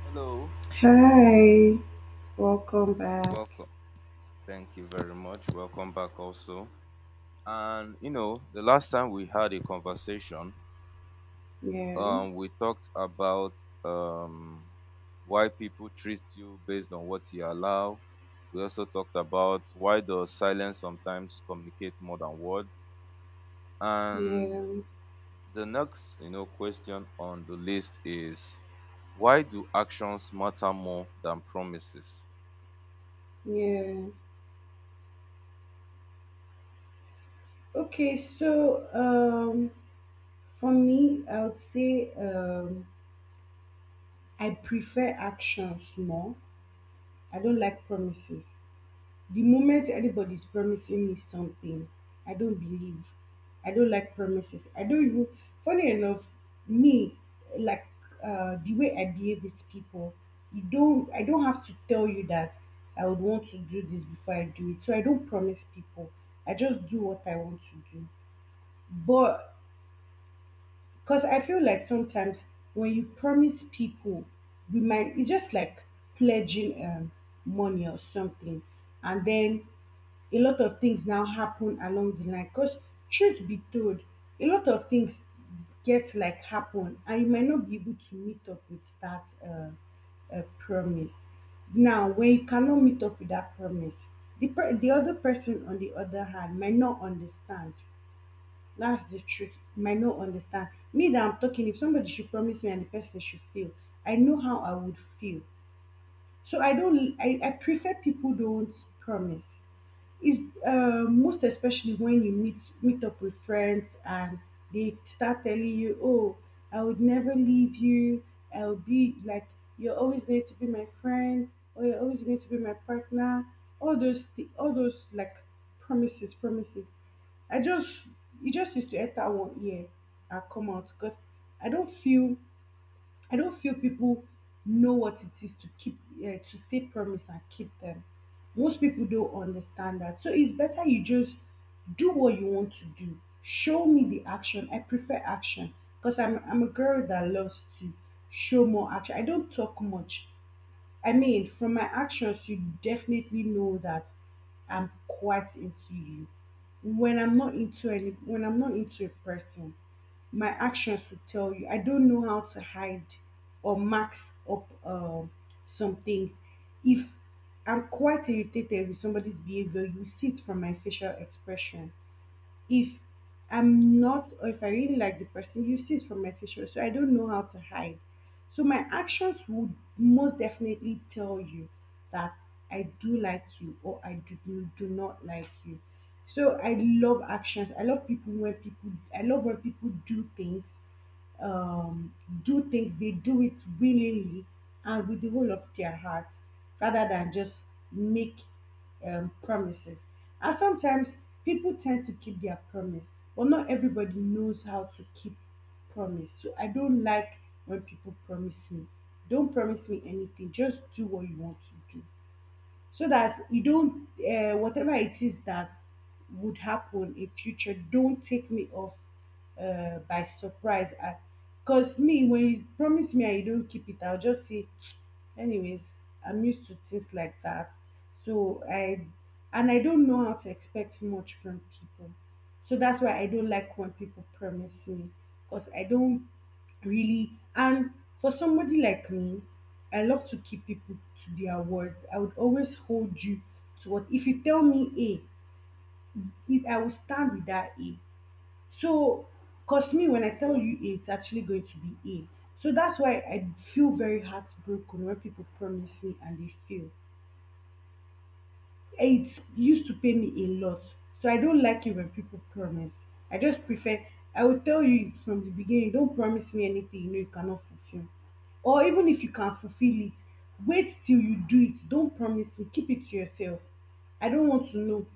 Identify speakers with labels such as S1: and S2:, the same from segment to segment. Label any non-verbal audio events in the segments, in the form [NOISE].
S1: Hello.
S2: Hi, welcome back.
S1: Welcome. Thank you very much. Welcome back also. And you know, the last time we had a conversation,
S2: Yeah,
S1: we talked about um why people treat you based on what you allow. We also talked about why does silence sometimes communicate more than words. And
S2: yeah,
S1: the next, you know, question on the list is why do actions matter more than promises?
S2: yeah. Okay, so for me, I would say I prefer actions more. I don't like promises. The moment anybody's promising me something, I don't believe. I don't like promises. I don't even, funny enough, me, like the way I behave with people, you don't, I don't have to tell you that I would want to do this before I do it. So I don't promise people. I just do what I want to do. But because I feel like sometimes when you promise people, you might, it's just like pledging money or something. And then a lot of things now happen along the line. Because truth be told, a lot of things get like happen and you might not be able to meet up with that promise. Now, when you cannot meet up with that promise, the other person on the other hand might not understand, that's the truth, might no understand me that I'm talking. If somebody should promise me and the person should fail, I know how I would feel. So I prefer people don't promise. Is most especially when you meet up with friends and they start telling you, "Oh, I would never leave you. I'll be like you're always going to be my friend, or you're always going to be my partner." All those like promises, promises. I just, it just used to enter one ear and come out because I don't feel, I don't feel people know what it is to keep to say promise and keep them. Most people don't understand that. So it's better you just do what you want to do. Show me the action. I prefer action because I'm a girl that loves to show more action. I don't talk much. I mean, from my actions, you definitely know that I'm quite into you. When I'm not into a person, my actions will tell you. I don't know how to hide or max up some things. If I'm quite irritated with somebody's behavior, you see it from my facial expression. If I'm not, or if I really like the person, you see it from my facial, so I don't know how to hide. So my actions would most definitely tell you that I do like you or I do, do not like you. So I love actions. I love when people do things, um, they do it willingly and with the whole of their heart rather than just make promises. And sometimes people tend to keep their promise, but not everybody knows how to keep promise. So I don't like when people promise me. Don't promise me anything, just do what you want to do so that you don't whatever it is that would happen in future don't take me off by surprise. Because me, when you promise me and you don't keep it, I'll just say [TSK] anyways, I'm used to things like that. So I, and I don't know how to expect much from people, so that's why I don't like when people promise me, because I don't really. And for somebody like me, I love to keep people to their words. I would always hold you to what, if you tell me A, if I will stand with that A. So because me, when I tell
S1: Okay.
S2: you A, it's actually going to be A. So that's why I feel very heartbroken when people promise me and they fail. It used to pay me a lot. So I don't like it when people promise. I just prefer, I will tell you from the beginning, don't promise me anything you know you cannot fulfill. Or even if you can fulfill it, wait till you do it. Don't promise me. Keep it to yourself. I don't want to know.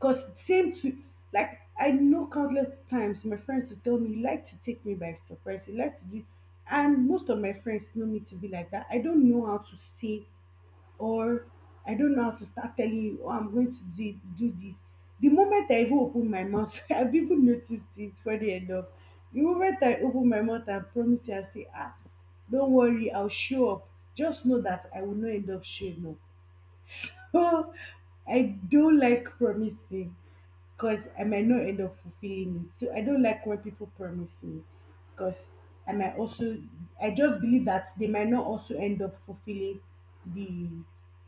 S2: Cause same to, like, I know countless times my friends will tell me, "You like to take me by surprise, you like to do," and most of my friends know me to be like that. I don't know how to say, or I don't know how to start telling you, oh, I'm going to do this. The moment I even open my mouth, [LAUGHS] I've even noticed it, funny enough. The moment I open my mouth and promise you, I say, ah, don't worry, I'll show up. Just know that I will not end up showing up. [LAUGHS] So I don't like promising because I might not end up fulfilling it. So I don't like when people promise me because I might also, I just believe that they might not also end up fulfilling the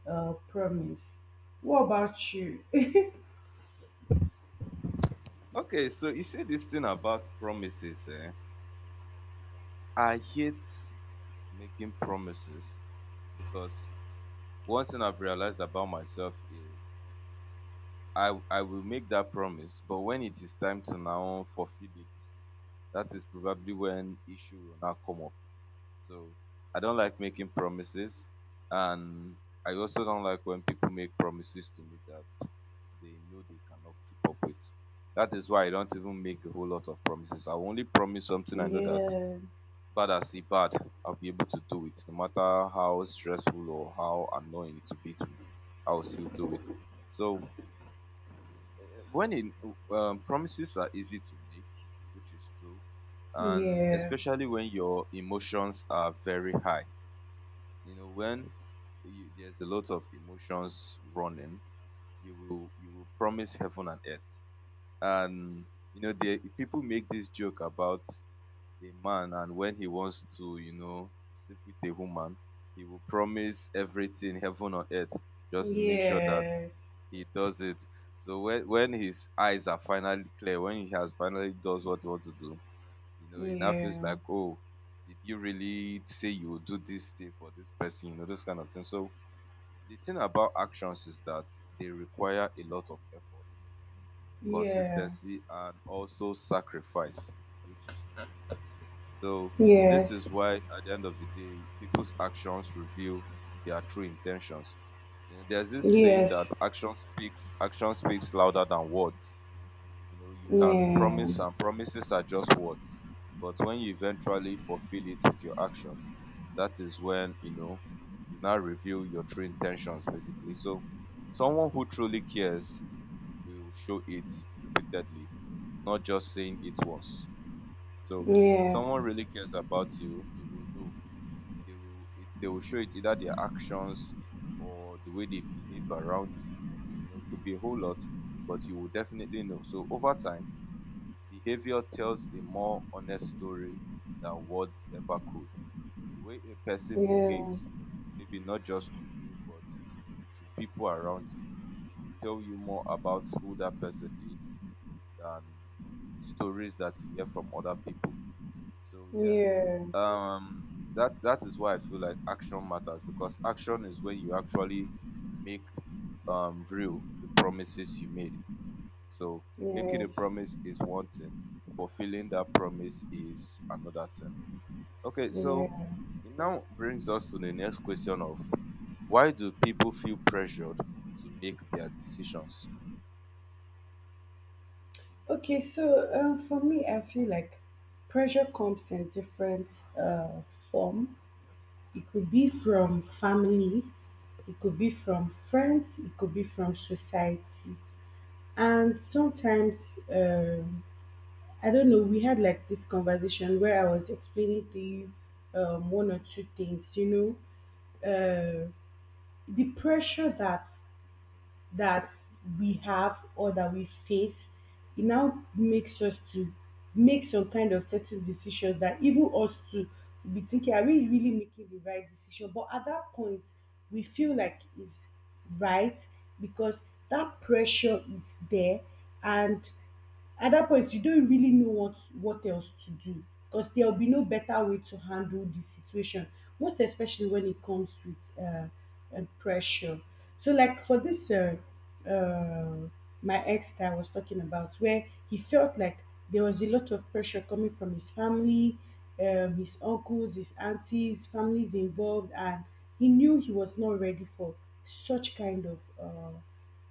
S2: promise. What about you? [LAUGHS]
S1: Okay, so you say this thing about promises, eh? I hate making promises because one thing I've realized about myself is I will make that promise, but when it is time to now fulfill it, that is probably when issue will now come up. So I don't like making promises, and I also don't like when people make promises to me that they know they cannot keep up with. That is why I don't even make a whole lot of promises. I only promise something I know that
S2: Yeah,
S1: bad as the bad, I'll be able to do it, no matter how stressful or how annoying it will be to me. I will still do it. So eh, when in, promises are easy to make, which is true, and
S2: yeah,
S1: especially when your emotions are very high, you know, when there's a lot of emotions running, you will promise heaven and earth, and you know, the people make this joke about a man, and when he wants to, you know, sleep with a woman, he will promise everything heaven on earth just to make sure that
S2: yes,
S1: he does it. So when his eyes are finally clear, when he has finally does what he wants to do, you know, it now feels
S2: yeah,
S1: like, oh, did you really say you will do this thing for this person? You know, those kind of things. So the thing about actions is that they require a lot of effort,
S2: yeah,
S1: consistency, and also sacrifice, which is true. So this
S2: yes,
S1: is why at the end of the day, people's actions reveal their true intentions. You know, there's this saying
S2: yes,
S1: that action speaks louder than words. You know, you can
S2: yeah,
S1: promise, and promises are just words. But when you eventually fulfill it with your actions, that is when, you know, you now reveal your true intentions, basically. So, someone who truly cares will show it repeatedly, not just saying it once. So, if
S2: yeah,
S1: someone really cares about you, you will know. They will show it either their actions or the way they behave around you, or, you know, it could be a whole lot, but you will definitely know. So, over time, behavior tells a more honest story than words ever could. The way a person
S2: yeah,
S1: behaves, maybe not just to you, but to people around you, will tell you more about who that person is than stories that you hear from other people. So yeah,
S2: yeah,
S1: um, that is why I feel like action matters because action is when you actually make real the promises you made. So making a
S2: yes,
S1: promise is one thing, fulfilling that promise is another thing. Okay, so
S2: yes.
S1: it now brings us to the next question of why do people feel pressured to make their decisions?
S2: Okay, so for me, I feel like pressure comes in different uh, form. It could be from family, it could be from friends, it could be from society, and sometimes um, I don't know. We had like this conversation where I was explaining to you one or two things. You know, the pressure that we have or that we face, it now makes us to make some kind of certain decisions that even us to be thinking, are we really making the right decision? But at that point, we feel like it's right because that pressure is there, and at that point you don't really know what else to do because there will be no better way to handle the situation, most especially when it comes with uh, pressure. So like for this uh, my ex that I was talking about, where he felt like there was a lot of pressure coming from his family, his uncles, his aunties, families involved, and he knew he was not ready for such kind of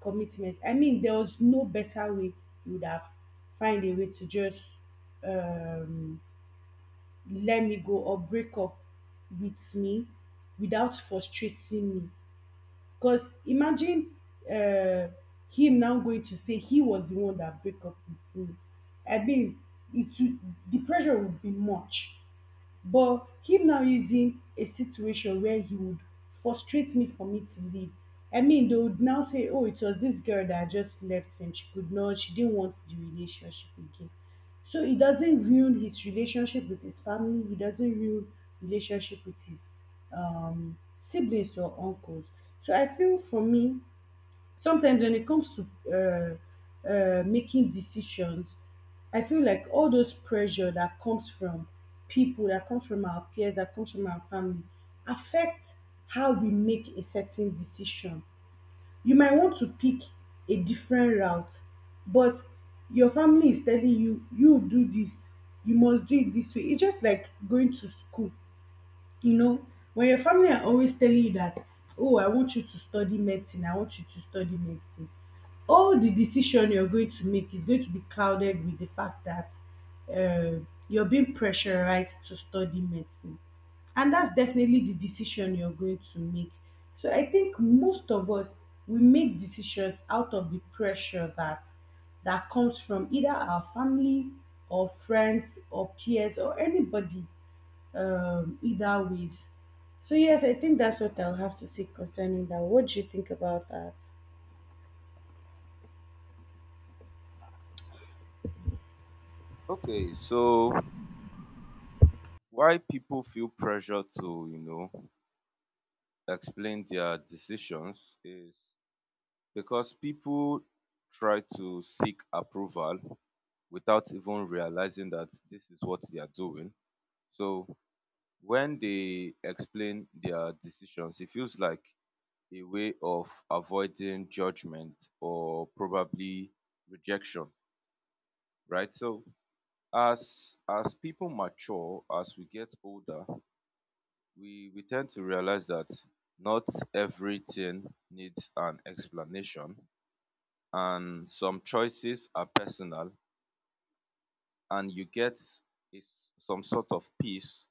S2: commitment. I mean, there was no better way. You would have find a way to just um let me go or break up with me without frustrating me. Because imagine uh, him now going to say he was the one that break up with me. I mean, it would, the pressure would be much. But him now is in a situation where he would frustrate me for me to leave. I mean, they would now say, oh, it was this girl that just left and she could not, she didn't want the relationship again. So it doesn't ruin his relationship with his family. It doesn't ruin relationship with his siblings or uncles. So I feel for me, sometimes when it comes to making decisions, I feel like all those pressure that comes from people, that comes from our peers, that comes from our family, affect how we make a certain decision. You might want to pick a different route, but your family is telling you, you do this, you must do it this way. It's just like going to school. You know, when your family are always telling you that, oh, I want you to study medicine, I want you to study medicine, all the decision you're going to make is going to be clouded with the fact that uh, you're being pressurized to study medicine. And that's definitely the decision you're going to make. So I think most of us, we make decisions out of the pressure that comes from either our family or friends or peers or anybody, either ways. So yes, I think that's what I'll have to say concerning that. What do you think about that?
S1: Okay, so why people feel pressure to, you know, explain their decisions is because people try to seek approval without even realizing that this is what they are doing. So when they explain their decisions, it feels like a way of avoiding judgment or probably rejection, right? So as people mature, as we get older, we tend to realize that not everything needs an explanation, and some choices are personal, and you get is some sort of peace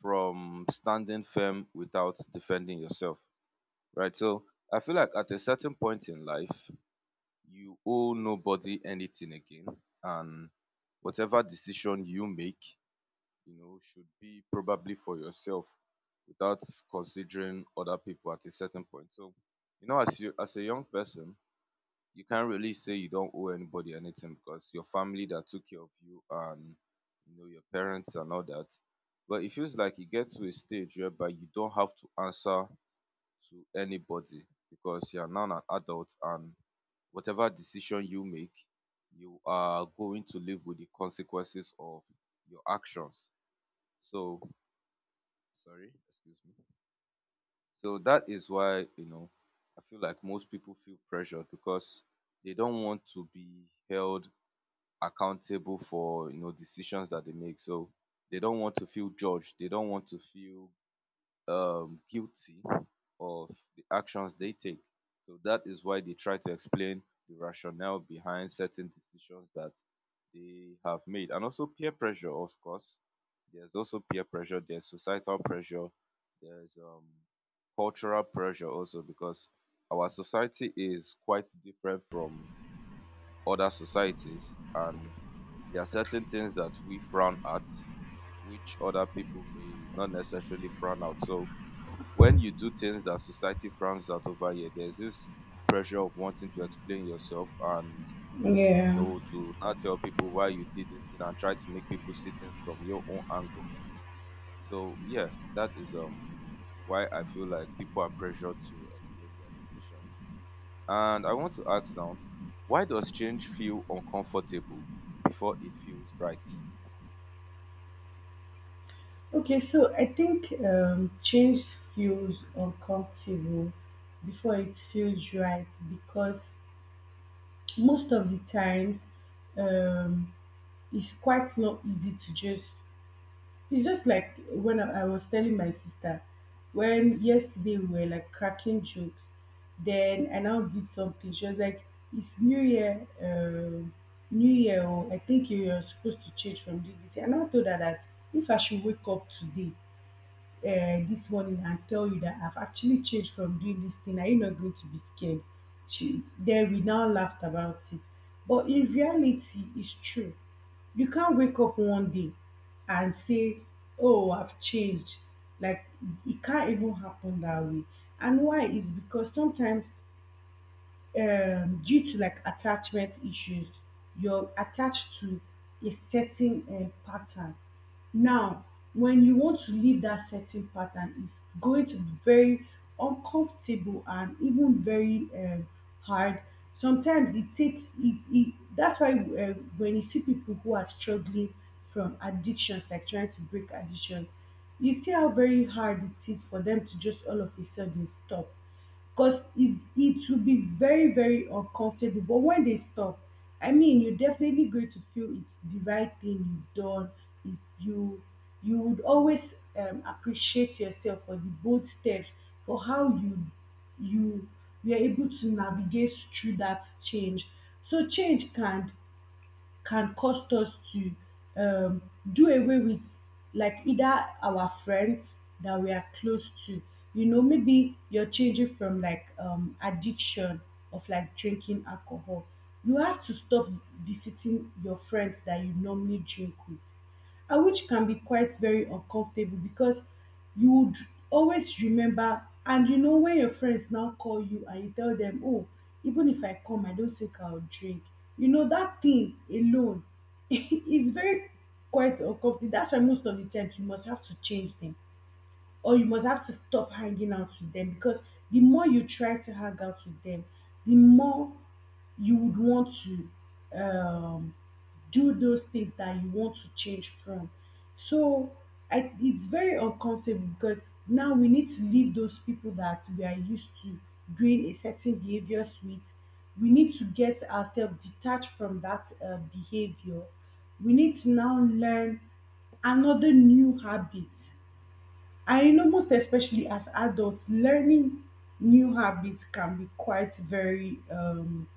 S1: from standing firm without defending yourself. Right. So I feel like at a certain point in life, you owe nobody anything again. And whatever decision you make, you know, should be probably for yourself without considering other people at a certain point. So, you know, as a young person, you can't really say you don't owe anybody anything because your family that took care of you and you know your parents and all that. But it feels like it gets to a stage whereby you don't have to answer to anybody because you are now an adult, and whatever decision you make, you are going to live with the consequences of your actions. So, sorry, excuse me. So that is why, you know, I feel like most people feel pressured because they don't want to be held accountable for, you know, decisions that they make. So they don't want to feel judged. They don't want to feel guilty of the actions they take. So that is why they try to explain the rationale behind certain decisions that they have made. And also peer pressure, of course. There's also peer pressure, there's societal pressure, there's cultural pressure also, because our society is quite different from other societies, and there are certain things that we frown at which other people may not necessarily frown out. So when you do things that society frowns at over here, there's this pressure of wanting to explain yourself and, you
S2: Yeah.
S1: know, to now tell people why you did this thing and try to make people see things from your own angle. So yeah, that is why I feel like people are pressured to explain their decisions. And I want to ask now, why does change feel uncomfortable before it feels right?
S2: Okay, so I think change feels uncomfortable before it feels right because most of the times um, it's quite not easy to just, it's just like when I was telling my sister, when yesterday we were like cracking jokes, then I now did something. She was like, "It's New Year, New Year. Oh, I think you are supposed to change from this this year." And I now told her that if I should wake up today, this morning and tell you that I've actually changed from doing this thing, are you not going to be scared? She, then we now laughed about it. But in reality, it's true. You can't wake up one day and say, oh, I've changed. Like, it can't even happen that way. And why? Is because sometimes due to like attachment issues you're attached to a certain pattern now. When you want to leave that certain pattern, it's going to be very uncomfortable and even very hard. Sometimes it takes it, that's why when you see people who are struggling from addictions, like trying to break addiction, you see how very hard it is for them to just all of a sudden stop. Because it will be very, very uncomfortable. But when they stop, I mean, you're definitely going to feel it's the right thing you've done. If you you would always appreciate yourself for the bold steps, for how you were able to navigate through that change. So change can cost us to um, do away with, like, either our friends that we are close to. You know, maybe you're changing from, like, addiction of, like, drinking alcohol. You have to stop visiting your friends that you normally drink with, and which can be quite very uncomfortable because you would always remember, and you know, when your friends now call you and you tell them, oh, even if I come, I don't think I'll drink, you know that thing alone [LAUGHS] is very quite uncomfortable. That's why most of the times you must have to change them, or you must have to stop hanging out with them, because the more you try to hang out with them, the more you would want to do those things that you want to change from. So it's very uncomfortable because now we need to leave those people that we are used to doing a certain behavior with. We need to get ourselves detached from that behavior. We need to now learn another new habit. I know, most especially as adults, learning new habits can be quite very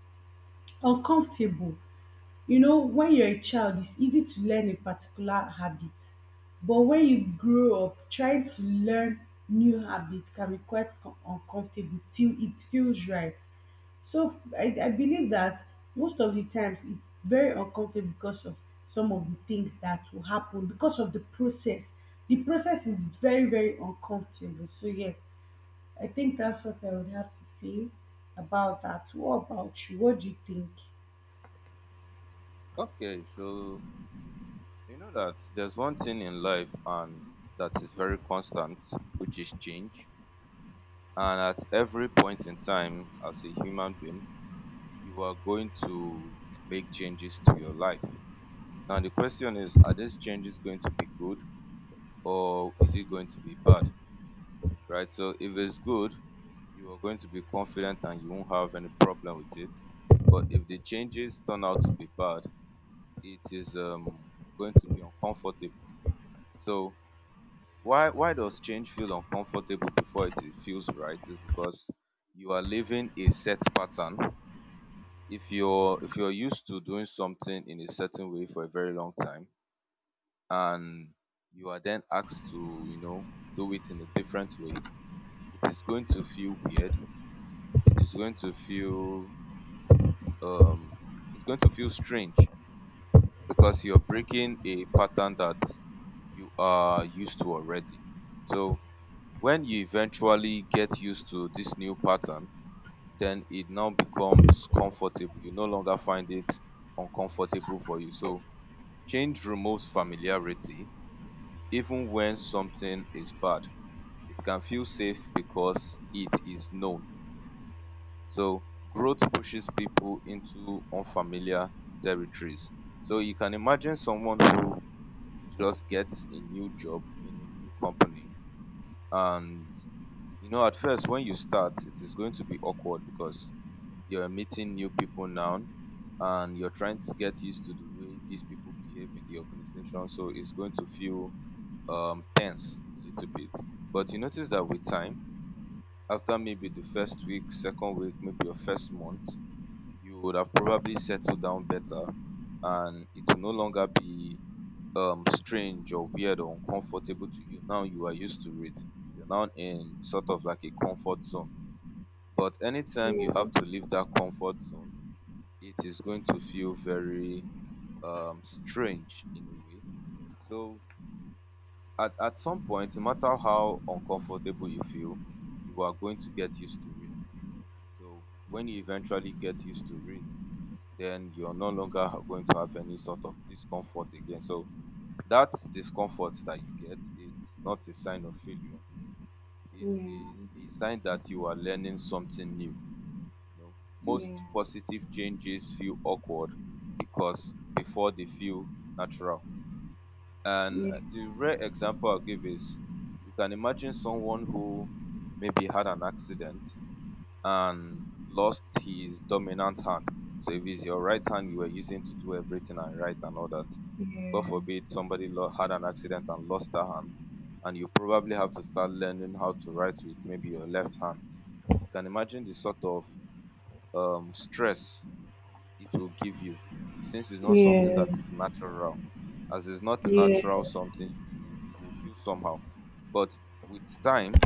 S2: uncomfortable. You know, when you're a child, it's easy to learn a particular habit, but when you grow up, trying to learn new habits can be quite uncomfortable till it feels right. So I believe that most of the times it's very uncomfortable because of some of the things that will happen because of the process. The process is very, very uncomfortable. So yes, I think that's what I would have to say about that. What about you? What do you think?
S1: Okay, so you know that there's one thing in life and that is very constant, which is change. And at every point in time, as a human being, you are going to make changes to your life. Now, the question is, are these changes going to be good or is it going to be bad? Right? So, if it's good, you are going to be confident and you won't have any problem with it. But if the changes turn out to be bad, it is going to be uncomfortable. So, why does change feel uncomfortable before it feels right is because you are living a set pattern. If you're used to doing something in a certain way for a very long time and you are then asked to, you know, do it in a different way, it is going to feel weird. It is going to feel um it's going to feel strange because you're breaking a pattern that you are used to already. So when you eventually get used to this new pattern, then it now becomes comfortable. You no longer find it uncomfortable for you. So change removes familiarity. Even when something is bad, it can feel safe because it is known. So growth pushes people into unfamiliar territories. So you can imagine someone who just gets a new job in a new company, and you know, at first, when you start, it is going to be awkward because you're meeting new people now and you're trying to get used to the way these people behave in the organization. So it's going to feel tense a little bit. But you notice that with time, after maybe the first week, second week, maybe your first month, you would have probably settled down better and it will no longer be strange or weird or uncomfortable to you. Now you are used to it. You're now in sort of like a comfort zone, but anytime you
S2: Yeah.
S1: have to leave that comfort zone, it is going to feel very strange in a way. So at some point, no matter how uncomfortable you feel, you are going to get used to it. So when you eventually get used to it, then you're no longer going to have any sort of discomfort again. So that discomfort that you get, it's not a sign of failure. It
S2: Yeah.
S1: is a sign that you are learning something new. You know,
S2: Yeah,
S1: most positive changes feel awkward because before they feel natural. And
S2: yeah,
S1: the rare example I'll give is you can imagine someone who maybe had an accident and lost his dominant hand. So if it's your right hand you were using to do everything and right and all that, God
S2: yeah,
S1: forbid somebody had an accident and lost that hand, and you probably have to start learning how to write with maybe your left hand. You can imagine the sort of stress it will give you since it's not something
S2: yeah,
S1: that is natural. As it's not a natural
S2: yeah,
S1: something, you feel somehow. But with time,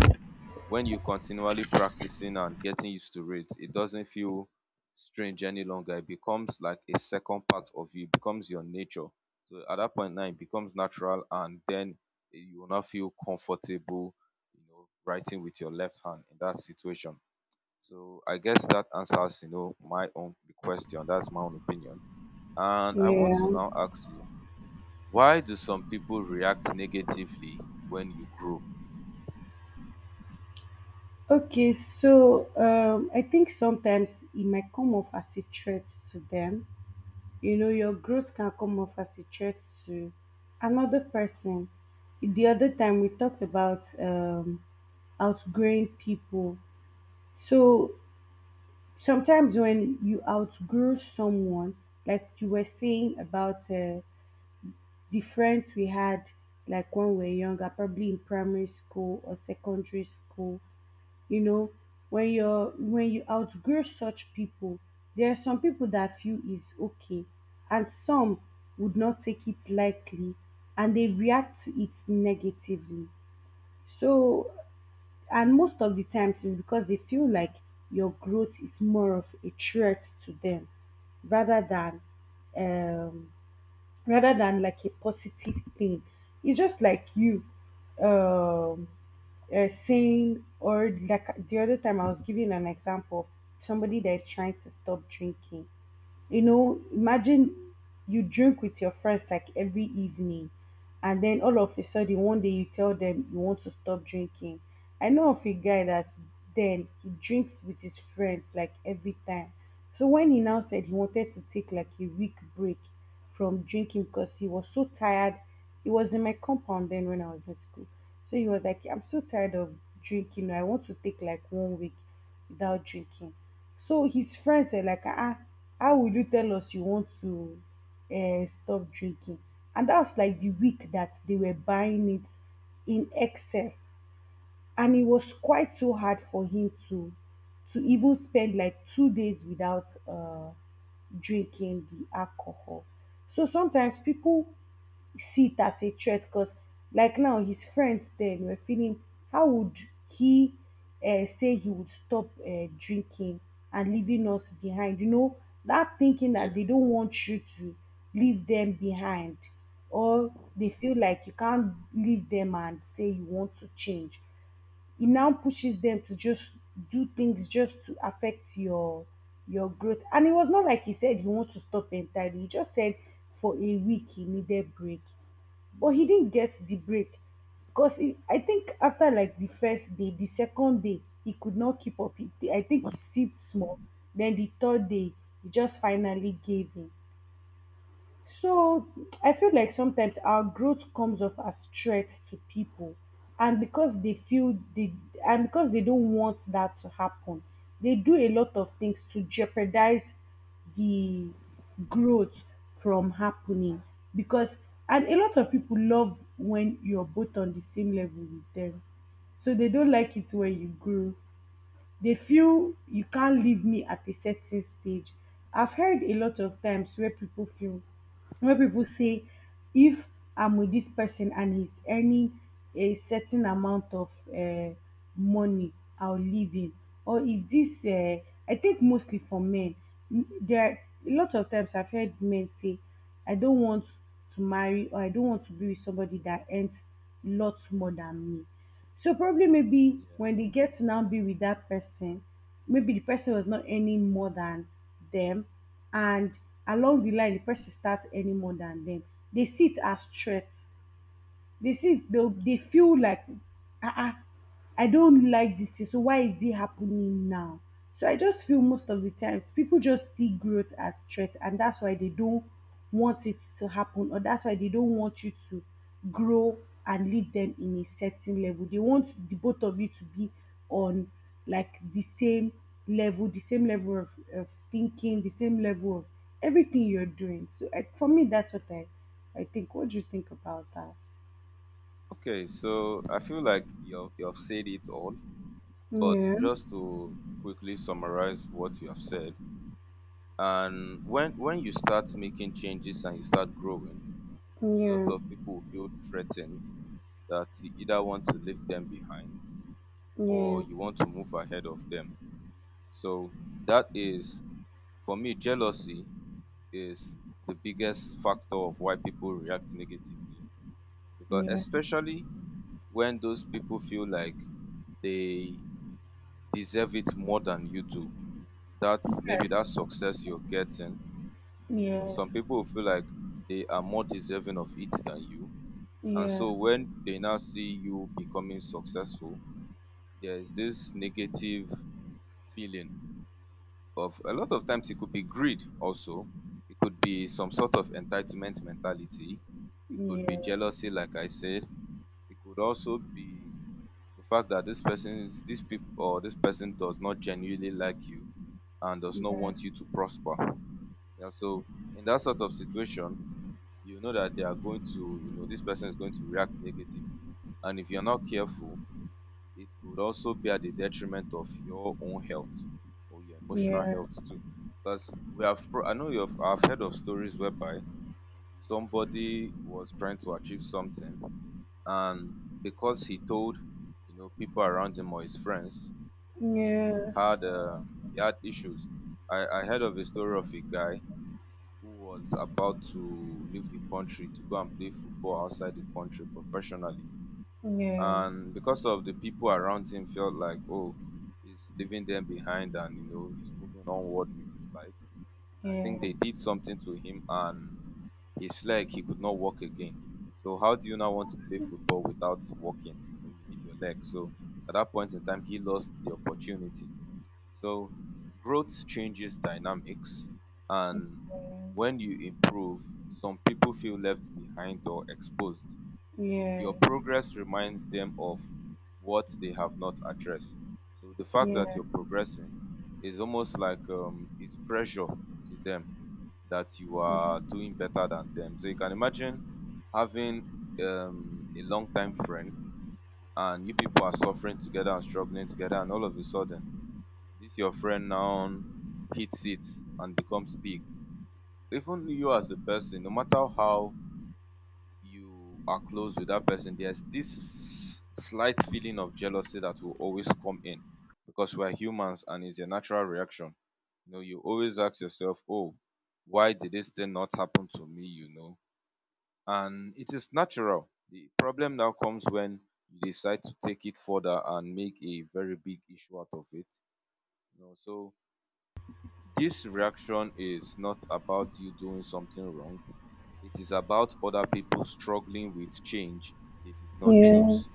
S1: when you continually practicing and getting used to it, it doesn't feel strange any longer. It becomes like a second part of you, it becomes your nature. So at that point now it becomes natural and then you will not feel comfortable, you know, writing with your left hand in that situation. So I guess that answers, you know, my own question. That's my own opinion. And I want
S2: yeah.
S1: to now ask you, why do some people react negatively when you grow?
S2: Okay, so I think sometimes it might come off as a threat to them. You know, your growth can come off as a threat to another person. The other time we talked about outgrowing people. So sometimes when you outgrow someone, like you were saying about the friends we had, like when we're younger, probably in primary school or secondary school, you know, when you outgrow such people, there are some people that feel is okay, and some would not take it lightly, and they react to it negatively. So, and most of the times is because they feel like your growth is more of a threat to them rather than um rather than, like, a positive thing. It's just like you um saying, or like the other time I was giving an example of somebody that is trying to stop drinking. You know, imagine you drink with your friends like every evening, and then all of a sudden one day you tell them you want to stop drinking. I know of a guy that then he drinks with his friends like every time. So when he now said he wanted to take like a week break from drinking because he was so tired. He was in my compound then when I was in school. So he was like, I'm so tired of drinking. I want to take like one week without drinking. So his friends were like, ah, ah, how will you tell us you want to stop drinking? And that was like the week that they were buying it in excess, and it was quite so hard for him to even spend like 2 days without drinking the alcohol. So sometimes people see it as a threat because, like now, his friends then were feeling how would he say he would stop drinking and leaving us behind? You know, that thinking that
S1: Yeah,
S2: they don't want you to leave them behind, or they feel like you can't leave them and say you want to change, it now pushes them to just do things just to affect your growth. And it was not like he said he want to stop entirely. He just said for a week he needed break, but he didn't get the break because I think after like the first day, the second day he could not keep up. I think he sipped small. Then the third day he just finally gave in. So I feel like sometimes our growth comes off as threats to people, and because they feel they and because they don't want that to happen, they do a lot of things to jeopardize the growth from happening. Because and a lot of people love when you're both on the same level with them, so they don't like it when you grow, they feel you can't leave me at a certain stage. I've heard a lot of times where people feel where people say if I'm with this person and he's earning a certain amount of money, I'll leave him. Or if this, I think mostly for men, there are a lot of times I've heard men say, I don't want to marry, or I don't want to be with somebody that earns lots more than me. So probably maybe
S1: yeah.
S2: when they get to now be with that person, maybe the person was not earning more than them, and along the line the person starts earning more than them. They see it as threat. They see it, they feel like, ah, ah, I don't like this thing, so why is it happening now? So I just feel most of the times people just see growth as threat, and that's why they don't want it to happen, or that's why they don't want you to grow and lead them in a certain level. They want the both of you to be on, like, the same level of thinking, the same level of everything you're doing. So for me, that's what I think. What do you think about that?
S1: Okay, so I feel like you've said it all, but
S2: Yeah,
S1: just to quickly summarize what you have said, and when you start making changes and you start growing, a lot
S2: yeah,
S1: of people will feel threatened that you either want to leave them behind
S2: yeah,
S1: or you want to move ahead of them. So that is, for me, jealousy is the biggest factor of why people react negatively, because
S2: yeah.
S1: especially when those people feel like they deserve it more than you do. That maybe
S2: Yes,
S1: that success you're getting,
S2: yes,
S1: some people will feel like they are more deserving of it than you.
S2: yeah,
S1: And
S2: yeah,
S1: so when they now see you becoming successful, there is this negative feeling. Of a lot of times it could be greed also, it could be some sort of entitlement mentality, it could be
S2: yeah,
S1: jealousy like I said, it could also be the fact that this people or this person does not genuinely like you and does not
S2: yeah,
S1: want you to prosper. Yeah, so in that sort of situation, you know that they are going to you know this person is going to react negatively, and if you're not careful, it could also be at the detriment of your own health or your
S2: yes,
S1: emotional
S2: yeah,
S1: health too. Because we have, I know I've heard of stories whereby somebody was trying to achieve something, and because he told, people around him or his friends, he
S2: yeah,
S1: had, um, he had issues. I heard of a story of a guy who was about to leave the country to go and play football outside the country professionally, and because of the people around him felt like, oh, he's leaving them behind, and he's moving onward with his life. I
S2: yeah,
S1: think they did something to him, and his leg, he could not walk again. So how do you now want to play football without walking? You know, you need your leg. So at that point in time he lost the opportunity. So growth changes dynamics, and when you improve, some people feel left behind or exposed. So
S2: yeah,
S1: your progress reminds them of what they have not addressed. So the fact that
S2: yeah.
S1: you're progressing is almost like, is pressure to them, that you are doing better than them. So you can imagine having a long time friend, and you people are suffering together and struggling together, and all of a sudden this your friend now hits it and becomes big. Even you as a person, no matter how you are close with that person, there's this slight feeling of jealousy that will always come in, because we're humans and it's a natural reaction. You know, you always ask yourself, oh, why did this thing not happen to me? And it is natural. The problem now comes when you decide to take it further and make a very big issue out of it. You know, so this reaction is not about you doing something wrong. It is about other people struggling with change they did not
S2: Yeah.
S1: choose.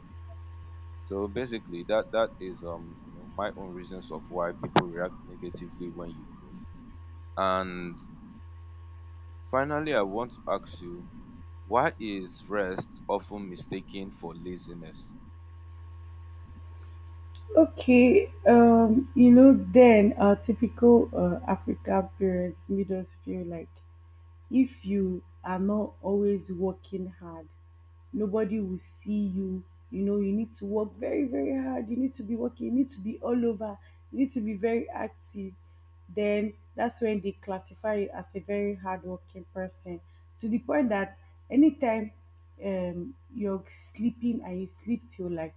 S1: So basically, that is, you know, my own reasons of why people react negatively when you grow. And finally, I want to ask you, why is rest often mistaken for laziness?
S2: Okay, you know, then our typical African parents made us feel like if you are not always working hard, nobody will see you. You know, you need to work very, very hard, you need to be working, you need to be all over, you need to be very active, then that's when they classify you as a very hardworking person. To the point that anytime you're sleeping and you sleep till like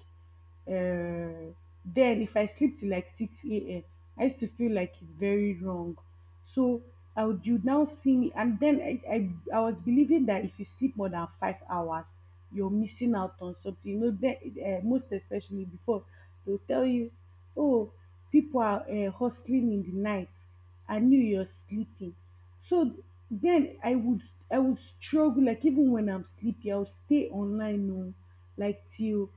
S2: uh, then if I sleep till like 6 a.m., I used to feel like it's very wrong. So I would you now see me, and then I was believing that if you sleep more than 5 hours, you're missing out on something. You know, then, most especially before, they'll tell you, oh, people are hustling in the night. I knew you're sleeping. So then I would struggle, like even when I'm sleepy, I'll stay online no, like till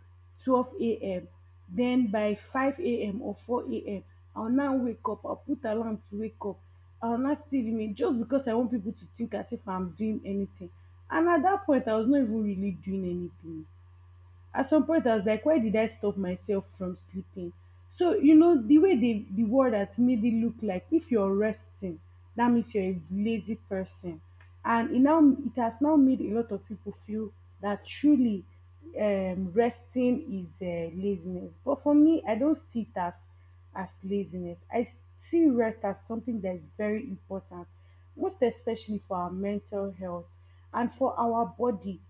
S2: 12 a.m. Then by 5 a.m. or 4 a.m., I'll now wake up. I'll put alarm to wake up. I will not still remain just because I want people to think as if I'm doing anything, and at that point I was not even really doing anything. At some point I was like, why did I stop myself from sleeping? So, you know, the way the world has made it look like if you're resting, that means you're a lazy person. And it now it has now made a lot of people feel that truly resting is laziness. But for me, I don't see it as laziness. I see rest as something that is very important, most especially for our mental health and for our body,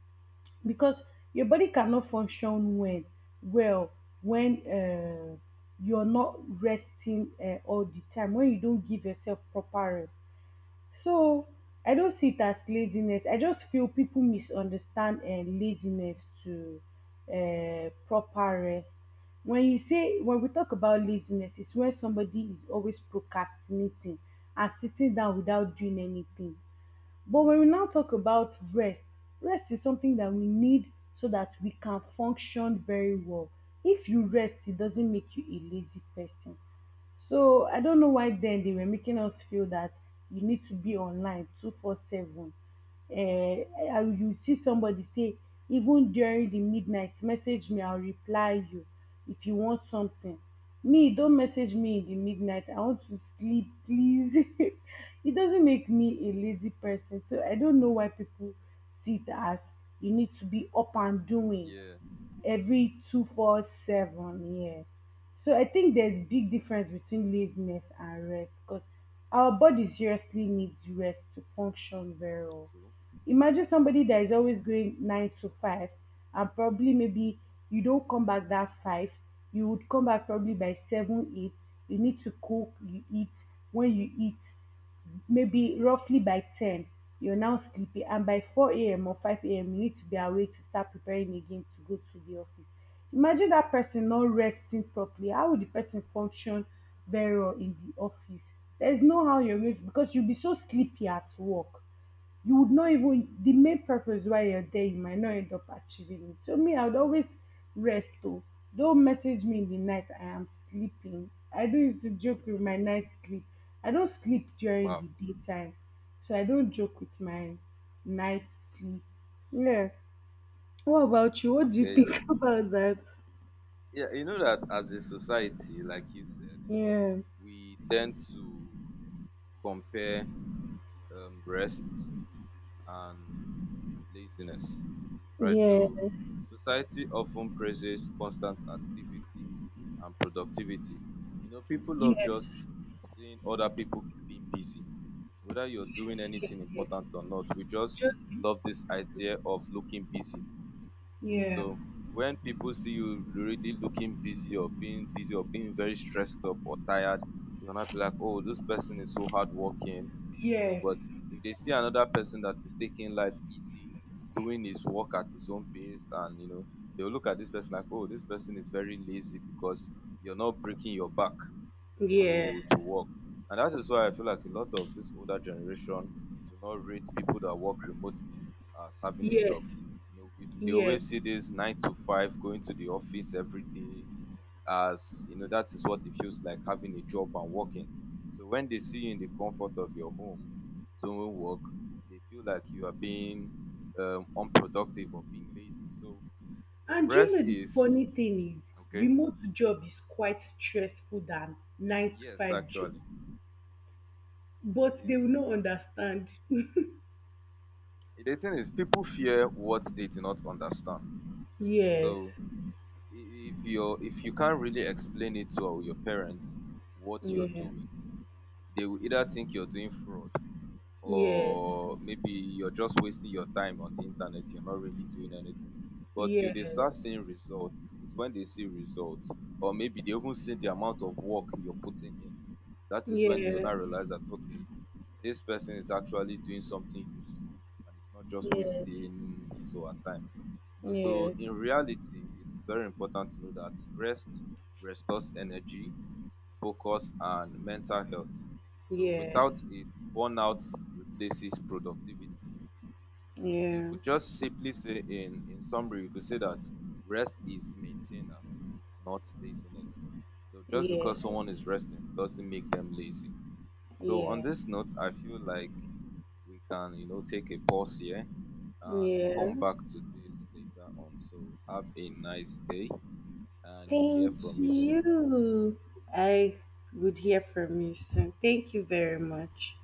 S2: because your body cannot function when well when you're not resting all the time, when you don't give yourself proper rest. So I don't see it as laziness. I just feel people misunderstand laziness to proper rest. When you say when we talk about laziness, it's when somebody is always procrastinating and sitting down without doing anything. But when we now talk about rest, rest is something that we need so that we can function very well. If you rest, it doesn't make you a lazy person. So I don't know why then they were making us feel that you need to be online 24/7. You see somebody say, even during the midnight, message me, I'll reply you if you want something. Me, don't message me in the midnight. I want to sleep, please. [LAUGHS] It doesn't make me a lazy person. So I don't know why people see it as you need to be up and doing
S1: Yeah,
S2: every 24/7, yeah. So I think there's big difference between laziness and rest because our body seriously needs rest to function very well.
S1: true.
S2: Imagine somebody that is
S1: That's
S2: always going nine to five and probably maybe you don't come back that five, you would come back probably by seven eight, you need to cook, you eat. When you eat, maybe roughly by 10 you're now sleepy, and by 4 a.m or 5 a.m you need to be awake to start preparing again to go to the office. Imagine that person not resting properly, how will the person function very well in the office? There's no how you're going to, because you'll be so sleepy at work. You would not even the main purpose why you're there you might not end up achieving it. So me, I would always rest. Oh, don't message me in the night, I am sleeping. I don't used to joke with my night sleep. I don't sleep during
S1: wow.
S2: the daytime. So I don't joke with my night sleep. Yeah. What about you, what do you
S1: Okay.
S2: think
S1: it's-
S2: [LAUGHS] about that?
S1: yeah, you know, that as a society, like you said,
S2: Yeah,
S1: we tend to compare, rest and laziness, right?
S2: yes,
S1: So society often praises constant activity and productivity. You know, people love
S2: yes,
S1: just seeing other people being busy, whether you're doing
S2: yes, yes,
S1: anything
S2: yes,
S1: important or not. We just
S2: just,
S1: love this idea of looking busy, you know.
S2: yeah,
S1: So when people see you really looking busy or being very stressed up or tired, they will not be like, oh, this person is so hardworking, you know.
S2: yes,
S1: But if they see another person that is taking life easy, doing his work at his own pace, and you know, they'll look at this person like, oh, this person is very lazy, because you're not breaking your back
S2: yeah,
S1: to work. And that is why I feel like a lot of this older generation do not rate people that work remotely as having a
S2: yes,
S1: job. You know, they
S2: yes.
S1: always see this 9 to 5 going to the office every day as, you know, that is what it feels like having a job and working. So when they see you in the comfort of your home doing work, they feel like you are being, unproductive or being lazy. So
S2: And do you know
S1: rest
S2: the
S1: is
S2: funny thing is,
S1: okay.
S2: remote job is quite stressful than nine to
S1: Yes,
S2: five job,
S1: actually, it
S2: but they will
S1: is.
S2: not understand.
S1: The thing is, people fear what they do not understand. So
S2: Yes,
S1: if you can't really explain it to your parents what you're
S2: yeah,
S1: doing, they will either think you're doing fraud,
S2: yes,
S1: or maybe you're just wasting your time on the internet. You're not really doing anything. But till
S2: yeah,
S1: they start seeing results, is when they see results, or maybe they even see the amount of work you're putting in. That is when they'll
S2: yes,
S1: now realize that okay, this person is actually doing something useful and it's not just
S2: yes,
S1: wasting his or her time. You
S2: yes,
S1: know, so in
S2: yeah,
S1: reality, it is very important to know that rest restores energy, focus, and mental health. So
S2: yeah,
S1: without it, burnout replaces productivity. You could just simply say, in summary, you could say that rest is maintenance, not laziness. So just
S2: yeah,
S1: because someone is resting doesn't make them lazy. So on
S2: yeah,
S1: this note, I feel like we can, you know, take a pause here and
S2: yeah.
S1: come back to this later on. So have a nice day and you'll hear
S2: Thank
S1: from me soon.
S2: you. I would hear from you soon. Thank you very much.